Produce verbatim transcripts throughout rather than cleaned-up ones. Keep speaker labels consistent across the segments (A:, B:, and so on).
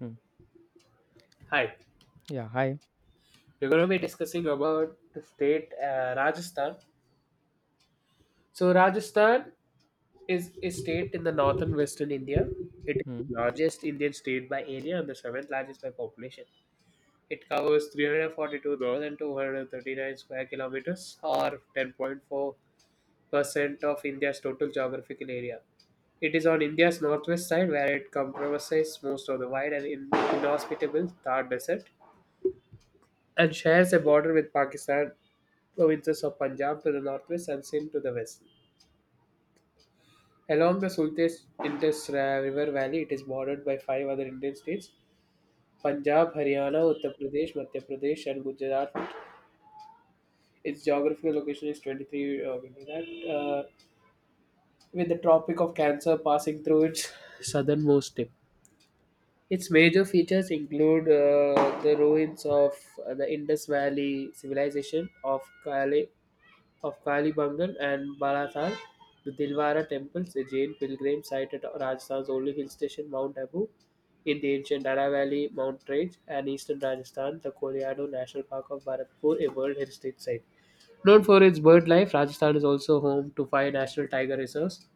A: Mm.
B: Hi,
A: Yeah, hi.
B: we're going to be discussing about the state uh, Rajasthan. So Rajasthan is a state in the northern western India. It is
A: Mm.
B: the largest Indian state by area and the seventh largest by population. It covers three hundred forty-two thousand, two hundred thirty-nine square kilometers or ten point four percent of India's total geographical area. It is on India's northwest side where it comprises most of the wide and in- inhospitable Thar Desert and shares a border with Pakistan provinces of Punjab to the northwest and Sindh to the west. Along the Sultes Indus uh, River Valley, it is bordered by five other Indian states Punjab, Haryana, Uttar Pradesh, Madhya Pradesh, and Gujarat. Its geographical location is twenty-three uh, give me that, uh, with the Tropic of Cancer passing through its southernmost tip. Its major features include uh, the ruins of uh, the Indus Valley civilization of Kali of Kali Bangal and Balathal, the Dilwara temples, a Jain pilgrim site at Rajasthan's only hill station, Mount Abu, in the ancient Dara Valley, Mount Rage, and eastern Rajasthan, the Colorado National Park of Bharatpur, a World Heritage Site. Known for its bird life, Rajasthan is also home to five national tiger reserves.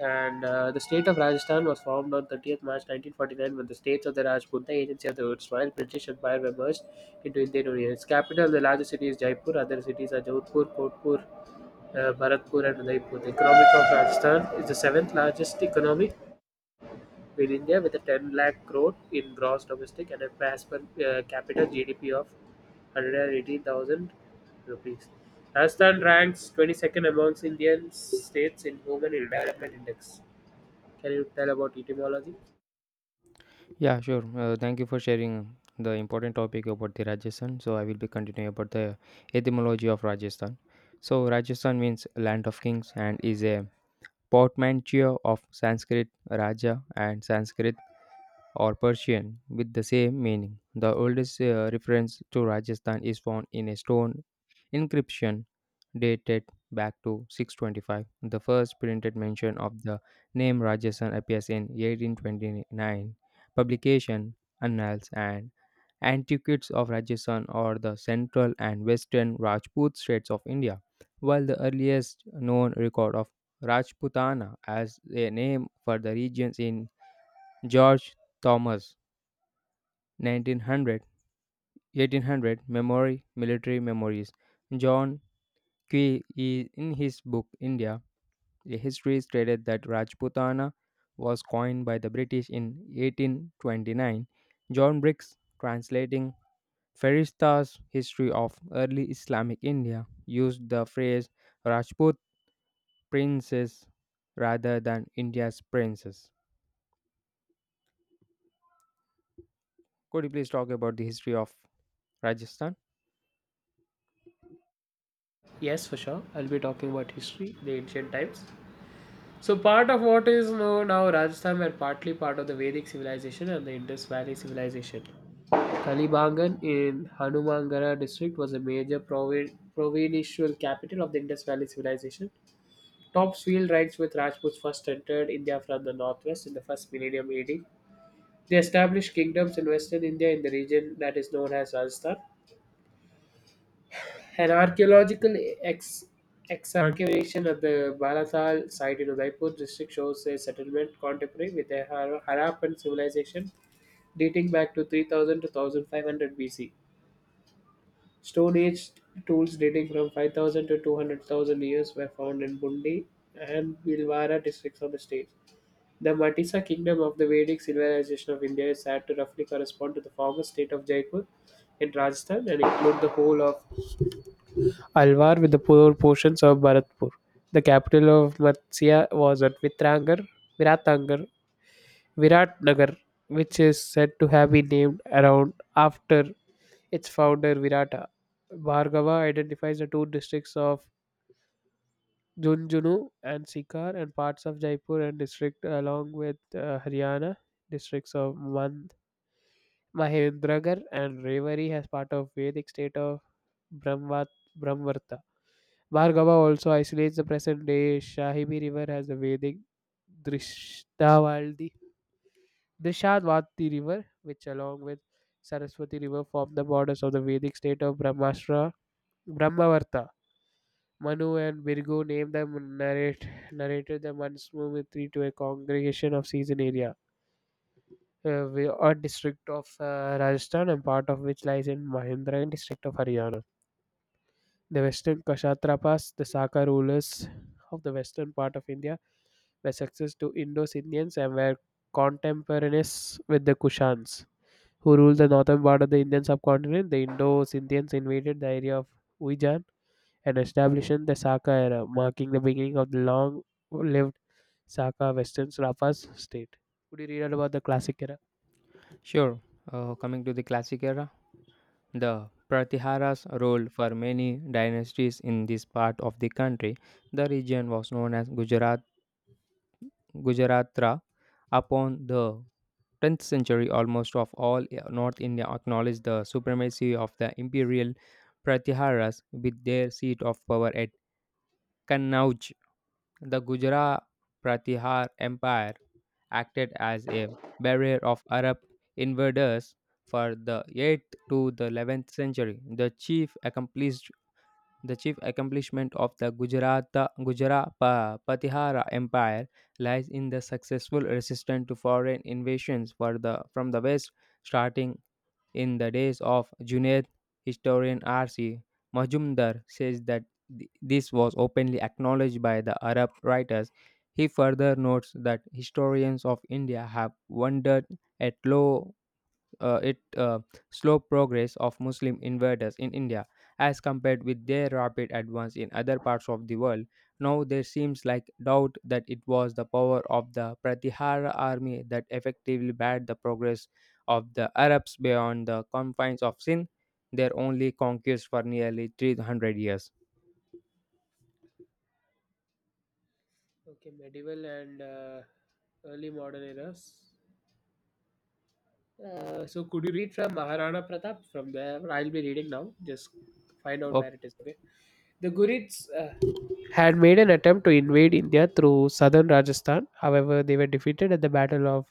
B: And uh, The state of Rajasthan was formed on thirtieth of March nineteen forty-nine when the states of the Rajput, the agency of the erstwhile British Empire, were merged into Indian Union. Its capital, the largest city, is Jaipur. Other cities are Jodhpur, Kotpur, uh, Bharatpur and Udaipur. The economy of Rajasthan is the seventh largest economy in India with a ten lakh crore in gross domestic and a pass per uh, capita G D P of one hundred eighty thousand rupees. Rajasthan ranks twenty-second amongst Indian states in Human Development Index. Can you tell about etymology?
A: Yeah, sure. Uh, thank you for sharing the important topic about the Rajasthan. So I will be continuing about the etymology of Rajasthan. So Rajasthan means land of kings and is a portmanteau of Sanskrit Raja and Sanskrit or Persian with the same meaning. The oldest uh, reference to Rajasthan is found in a stone inscription dated back to six twenty-five. The first printed mention of the name Rajasthan appears in eighteen twenty-nine publication Annals and Antiquities of Rajasthan, or the central and western Rajput states of India, while the earliest known record of Rajputana as a name for the regions in George Thomas Nineteen hundred, eighteen hundred, memory military memories, John Key in his book India, a history, stated that Rajputana was coined by the British in eighteen twenty-nine. John Briggs, translating Ferishta's history of early Islamic India, used the phrase Rajput princess rather than India's princess. Could you please talk about the history of Rajasthan?
B: Yes, for sure. I'll be talking about history, the ancient times. So, part of what is known now Rajasthan were partly part of the Vedic civilization and the Indus Valley civilization. Talibangan in Hanumangarh district was a major provin- provincial capital of the Indus Valley civilization. Tops field rights with Rajputs first entered India from the northwest in the first millennium A D. They established kingdoms in western India in the region that is known as Rajasthan. An archaeological ex- excavation at the Balatal site in Udaipur district shows a settlement contemporary with the Har- Harappan civilization dating back to three thousand to one thousand five hundred B C. Stone Age tools dating from five thousand to two hundred thousand years were found in Bundi and Bhilwara districts of the state. The Matisa kingdom of the Vedic civilization of India is said to roughly correspond to the former state of Jaipur in Rajasthan and include the whole of Alwar with the poor portions of Bharatpur. The capital of Matsya was at Vitrangar, Viratangar, Viratnagar, which is said to have been named around after its founder Virata Bhargava identifies the two districts of Junjunu and Sikar and parts of Jaipur and district along with uh, Haryana districts of Mand, Mahendragarh and Rewari as part of Vedic state of Brahmat, Brahmvarta. Bhargava also isolates the present day Shahibi river as the Vedic Drishtavaldi Drishadvati river which along with Saraswati river form the borders of the Vedic state of Brahmastra Brahmavarta. Manu and Virgo named them narrate, narrated the once Mummitri to a congregation of season area, uh, we- a district of uh, Rajasthan and part of which lies in Mahendra and district of Haryana. The western Kshatrapas, the Saka rulers of the western part of India, were successors to Indo-Indians and were contemporaneous with the Kushans, who ruled the northern part of the Indian subcontinent. The Indo-Indians invaded the area of Uijan and establishing the Saka era, marking the beginning of the long lived Saka Western Rapa's state. Could you read out about the classic era?
A: Sure. Uh, coming to the classic era, the Pratiharas ruled for many dynasties in this part of the country. The region was known as Gujarat Gujaratra upon the tenth century, almost of all, yeah, North India acknowledged the supremacy of the imperial Pratiharas with their seat of power at Kannauj. The Gujarat Pratihar Empire acted as a barrier of Arab invaders for the eighth to the eleventh century. The chief accomplished. The chief accomplishment of the Gujarata, Gujarat Pa- Patihara Empire lies in the successful resistance to foreign invasions for the, from the west, starting in the days of Junaid. Historian R C. Majumdar says that th- this was openly acknowledged by the Arab writers. He further notes that historians of India have wondered at low uh, it uh, slow progress of Muslim invaders in India as compared with their rapid advance in other parts of the world. Now there seems like doubt that it was the power of the Pratihara army that effectively barred the progress of the Arabs beyond the confines of Sin, their only conquest for nearly three hundred years.
B: Okay, medieval and uh, early modern eras. Uh, so, could you read from Maharana Pratap? From there, I'll be reading now. Just find out where it
A: Okay.
B: is. Okay. The Gurids uh, had made an attempt to invade India through southern Rajasthan. However, they were defeated at the Battle of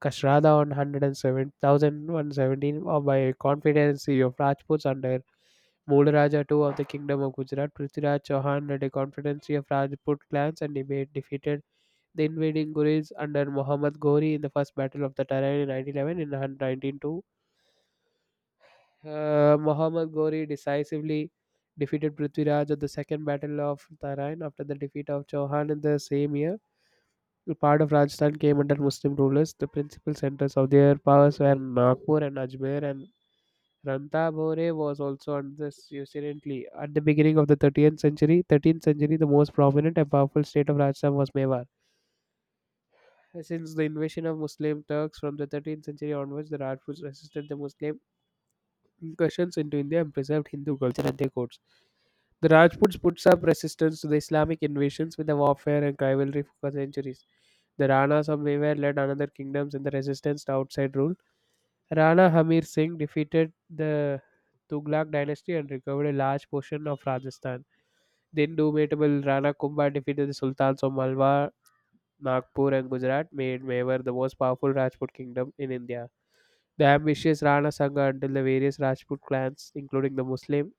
B: Kashrada on one hundred seven thousand, one hundred seventeen or by confidence of Rajputs under Mulraja two of the Kingdom of Gujarat. Prithviraj Chauhan led a confederacy of Rajput clans and deba- defeated the invading Ghuris under Muhammad Ghori in the First Battle of the Terrain in nineteen eleven. In nineteen oh two, uh, Muhammad Ghori decisively defeated Prithviraj at the Second Battle of Terrain after the defeat of Chauhan in the same year. The Part of Rajasthan came under Muslim rulers. The principal centers of their powers were Nagpur and Ajmer, and Ranthambore was also under this usurantly. At the beginning of the thirteenth century, thirteenth century, the most prominent and powerful state of Rajasthan was Mewar. Since the invasion of Muslim Turks from the thirteenth century onwards, the Rajputs resisted the Muslim incursions into India and preserved Hindu culture and their codes. The Rajputs put up resistance to the Islamic invasions with the warfare and rivalry for centuries. The Ranas of Mewar led another kingdoms in the resistance to outside rule. Rana Hamir Singh defeated the Tughlaq dynasty and recovered a large portion of Rajasthan. The indomitable Rana Kumbha defeated the Sultans of Malwa, Nagpur, and Gujarat, made Mewar the most powerful Rajput kingdom in India. The ambitious Rana Sangha until the various Rajput clans, including the Muslim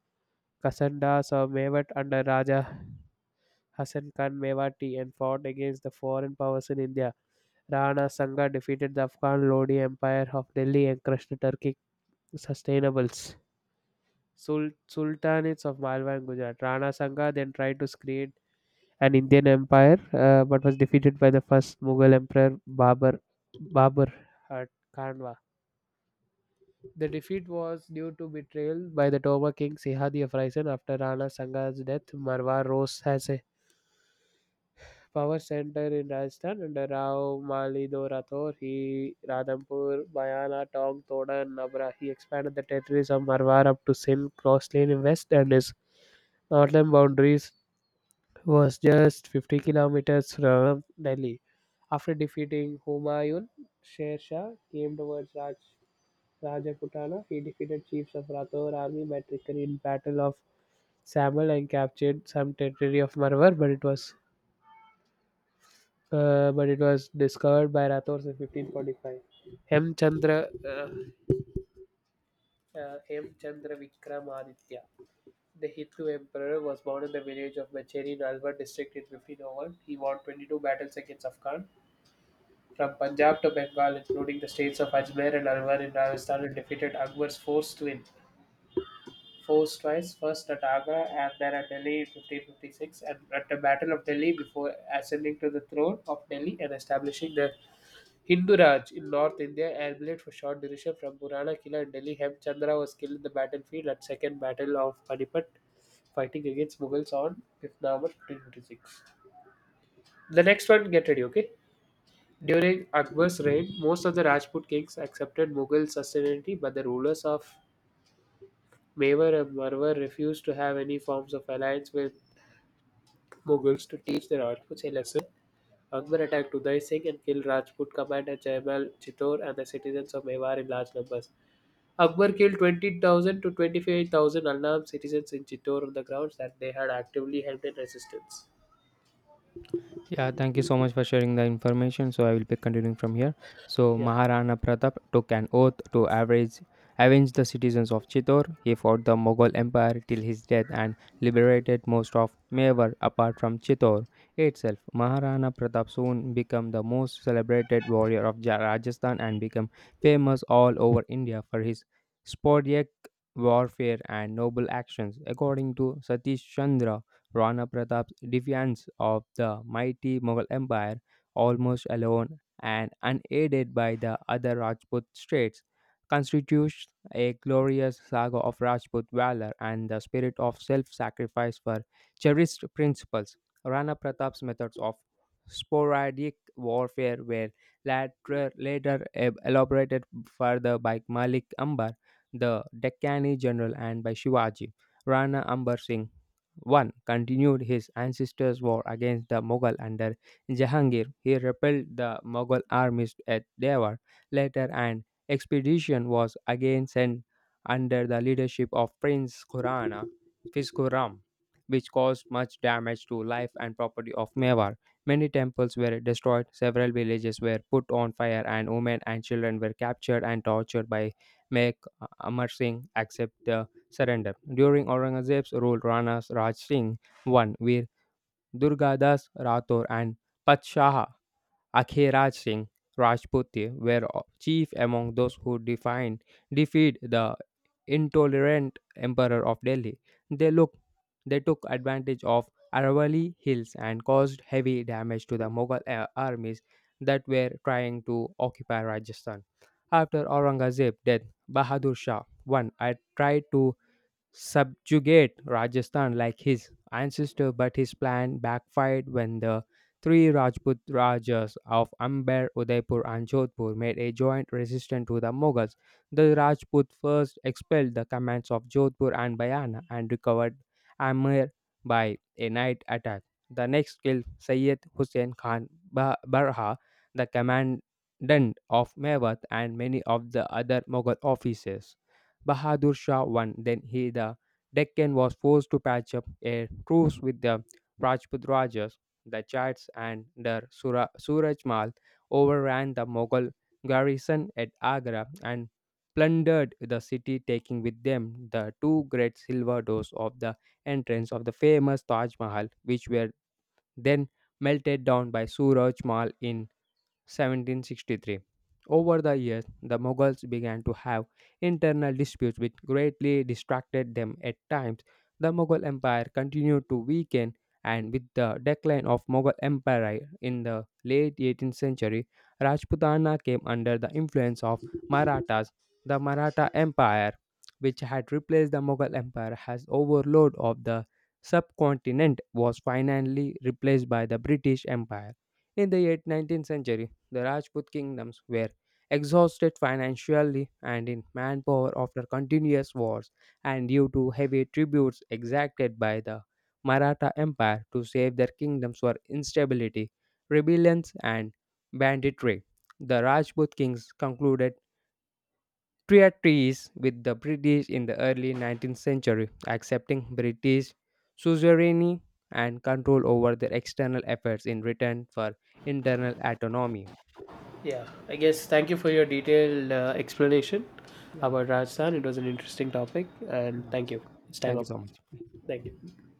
B: Kasanda saw Mewat under Raja Hasan Khan Mewati and fought against the foreign powers in India. Rana Sangha defeated the Afghan Lodi Empire of Delhi and crushed the Turkic sustainables. Sul- Sultanates of Malwa and Gujarat. Rana Sangha then tried to create an Indian empire uh, but was defeated by the first Mughal emperor Babur, Babur at Kanwa. The defeat was due to betrayal by the Toma king Sihadi of Raisin after Rana Sangha's death. Marwa rose as a power center in Rajasthan under Rao Malido Rathore. He Radhampur, Bayana, Tong, Toda, and Nabra. He expanded the territories of Marwar up to Sindh, cross lane in west, and his northern boundaries was just fifty kilometers from Delhi. After defeating Humayun, Sher Shah came towards Raj, Rajputana. He defeated chiefs of Rathore army by trickery in Battle of Samal and captured some territory of Marwar, but it was uh, but it was discovered by Rathores in fifteen forty-five. Hemchandra, uh, uh, Hemchandra Vikramaditya, the Hindu emperor, was born in the village of Macheri in Alwar district in fifteen oh one. He won twenty-two battles against Afghan from Punjab to Bengal, including the states of Ajmer and Alwar in Rajasthan, and defeated Akbar's force to Force twice, first at Agra and then at Delhi in fifteen fifty-six, and at the Battle of Delhi before ascending to the throne of Delhi and establishing the Hindu Raj in North India ambulate for short duration from Purana Kila and Delhi. Hemchandra was killed in the battlefield at Second Battle of Panipat, fighting against Mughals on fifth of November fifteen fifty-six. The next one, get ready, okay? During Akbar's reign, most of the Rajput kings accepted Mughal sovereignty, but the rulers of Mewar and Marwar refused to have any forms of alliance with Mughals to teach the Rajputs a lesson. Akbar attacked Uday Singh and killed Rajput command at Jaimal Chittor and the citizens of Mewar in large numbers. Akbar killed twenty thousand to twenty-five thousand unarmed citizens in Chittor on the grounds that they had actively helped in resistance.
A: Yeah, thank you so much for sharing the information. So I will be continuing from here. So
B: Yeah,
A: Maharana Pratap took an oath to average, avenge the citizens of Chittor. He fought the Mughal Empire till his death and liberated most of Mewar apart from Chittor itself. Maharana Pratap soon became the most celebrated warrior of Ja- Rajasthan and became famous all over India for his sporadic warfare and noble actions. According to Satish Chandra, Rana Pratap's defiance of the mighty Mughal Empire, almost alone and unaided by the other Rajput states, constitutes a glorious saga of Rajput valor and the spirit of self-sacrifice for cherished principles. Rana Pratap's methods of sporadic warfare were later, later eb- elaborated further by Malik Ambar, the Deccani general, and by Shivaji. Rana Ambar Singh one Continued his ancestors' war against the Mughal under Jahangir. He repelled the Mughal armies at Devar. Later, an expedition was again sent under the leadership of Prince Khurana, Fis Khurram, which caused much damage to life and property of Mewar. Many temples were destroyed, several villages were put on fire, and women and children were captured and tortured by Mek Amar Singh, except the surrender. During Aurangzeb's rule, Rana Raj Singh won, where Durgadas Rathore and Patshaha Akhe Raj Singh Rajputi were chief among those who defined defeat the intolerant emperor of Delhi. They looked they took advantage of Aravalli hills and caused heavy damage to the Mughal a- armies that were trying to occupy Rajasthan. After Aurangzeb's death, Bahadur Shah one I tried to subjugate Rajasthan like his ancestor, but his plan backfired when the three Rajput Rajas of Amber, Udaipur, and Jodhpur made a joint resistance to the Mughals. The Rajput first expelled the commands of Jodhpur and Bayana and recovered Amir by a night attack. The next killed Sayyid Hussein Khan Ba- Barha, the commandant of Mevat, and many of the other Mughal officers. Bahadur Shah won. Then he the Deccan was forced to patch up a truce with the Rajput Rajas. The Jats and their Sura, Surajmal overran the Mughal garrison at Agra and plundered the city, taking with them the two great silver doors of the entrance of the famous Taj Mahal, which were then melted down by Surajmal in seventeen sixty-three. Over the years, the Mughals began to have internal disputes which greatly distracted them at times. The Mughal Empire continued to weaken, and with the decline of Mughal Empire in the late eighteenth century, Rajputana came under the influence of Marathas. The Maratha Empire, which had replaced the Mughal Empire as overlord of the subcontinent, was finally replaced by the British Empire. In the late nineteenth century, the Rajput kingdoms were exhausted financially and in manpower after continuous wars and due to heavy tributes exacted by the Maratha Empire to save their kingdoms for instability, rebellions, and banditry. The Rajput kings concluded treaties with the British in the early nineteenth century, accepting British suzerainty and control over their external affairs in return for internal autonomy.
B: yeah. I guess thank you for your detailed uh, explanation
A: Yeah.
B: about Rajasthan. It was an interesting topic, and
A: Yeah.
B: thank you. It's time
A: Thank you
B: up.
A: so much.
B: Thank you.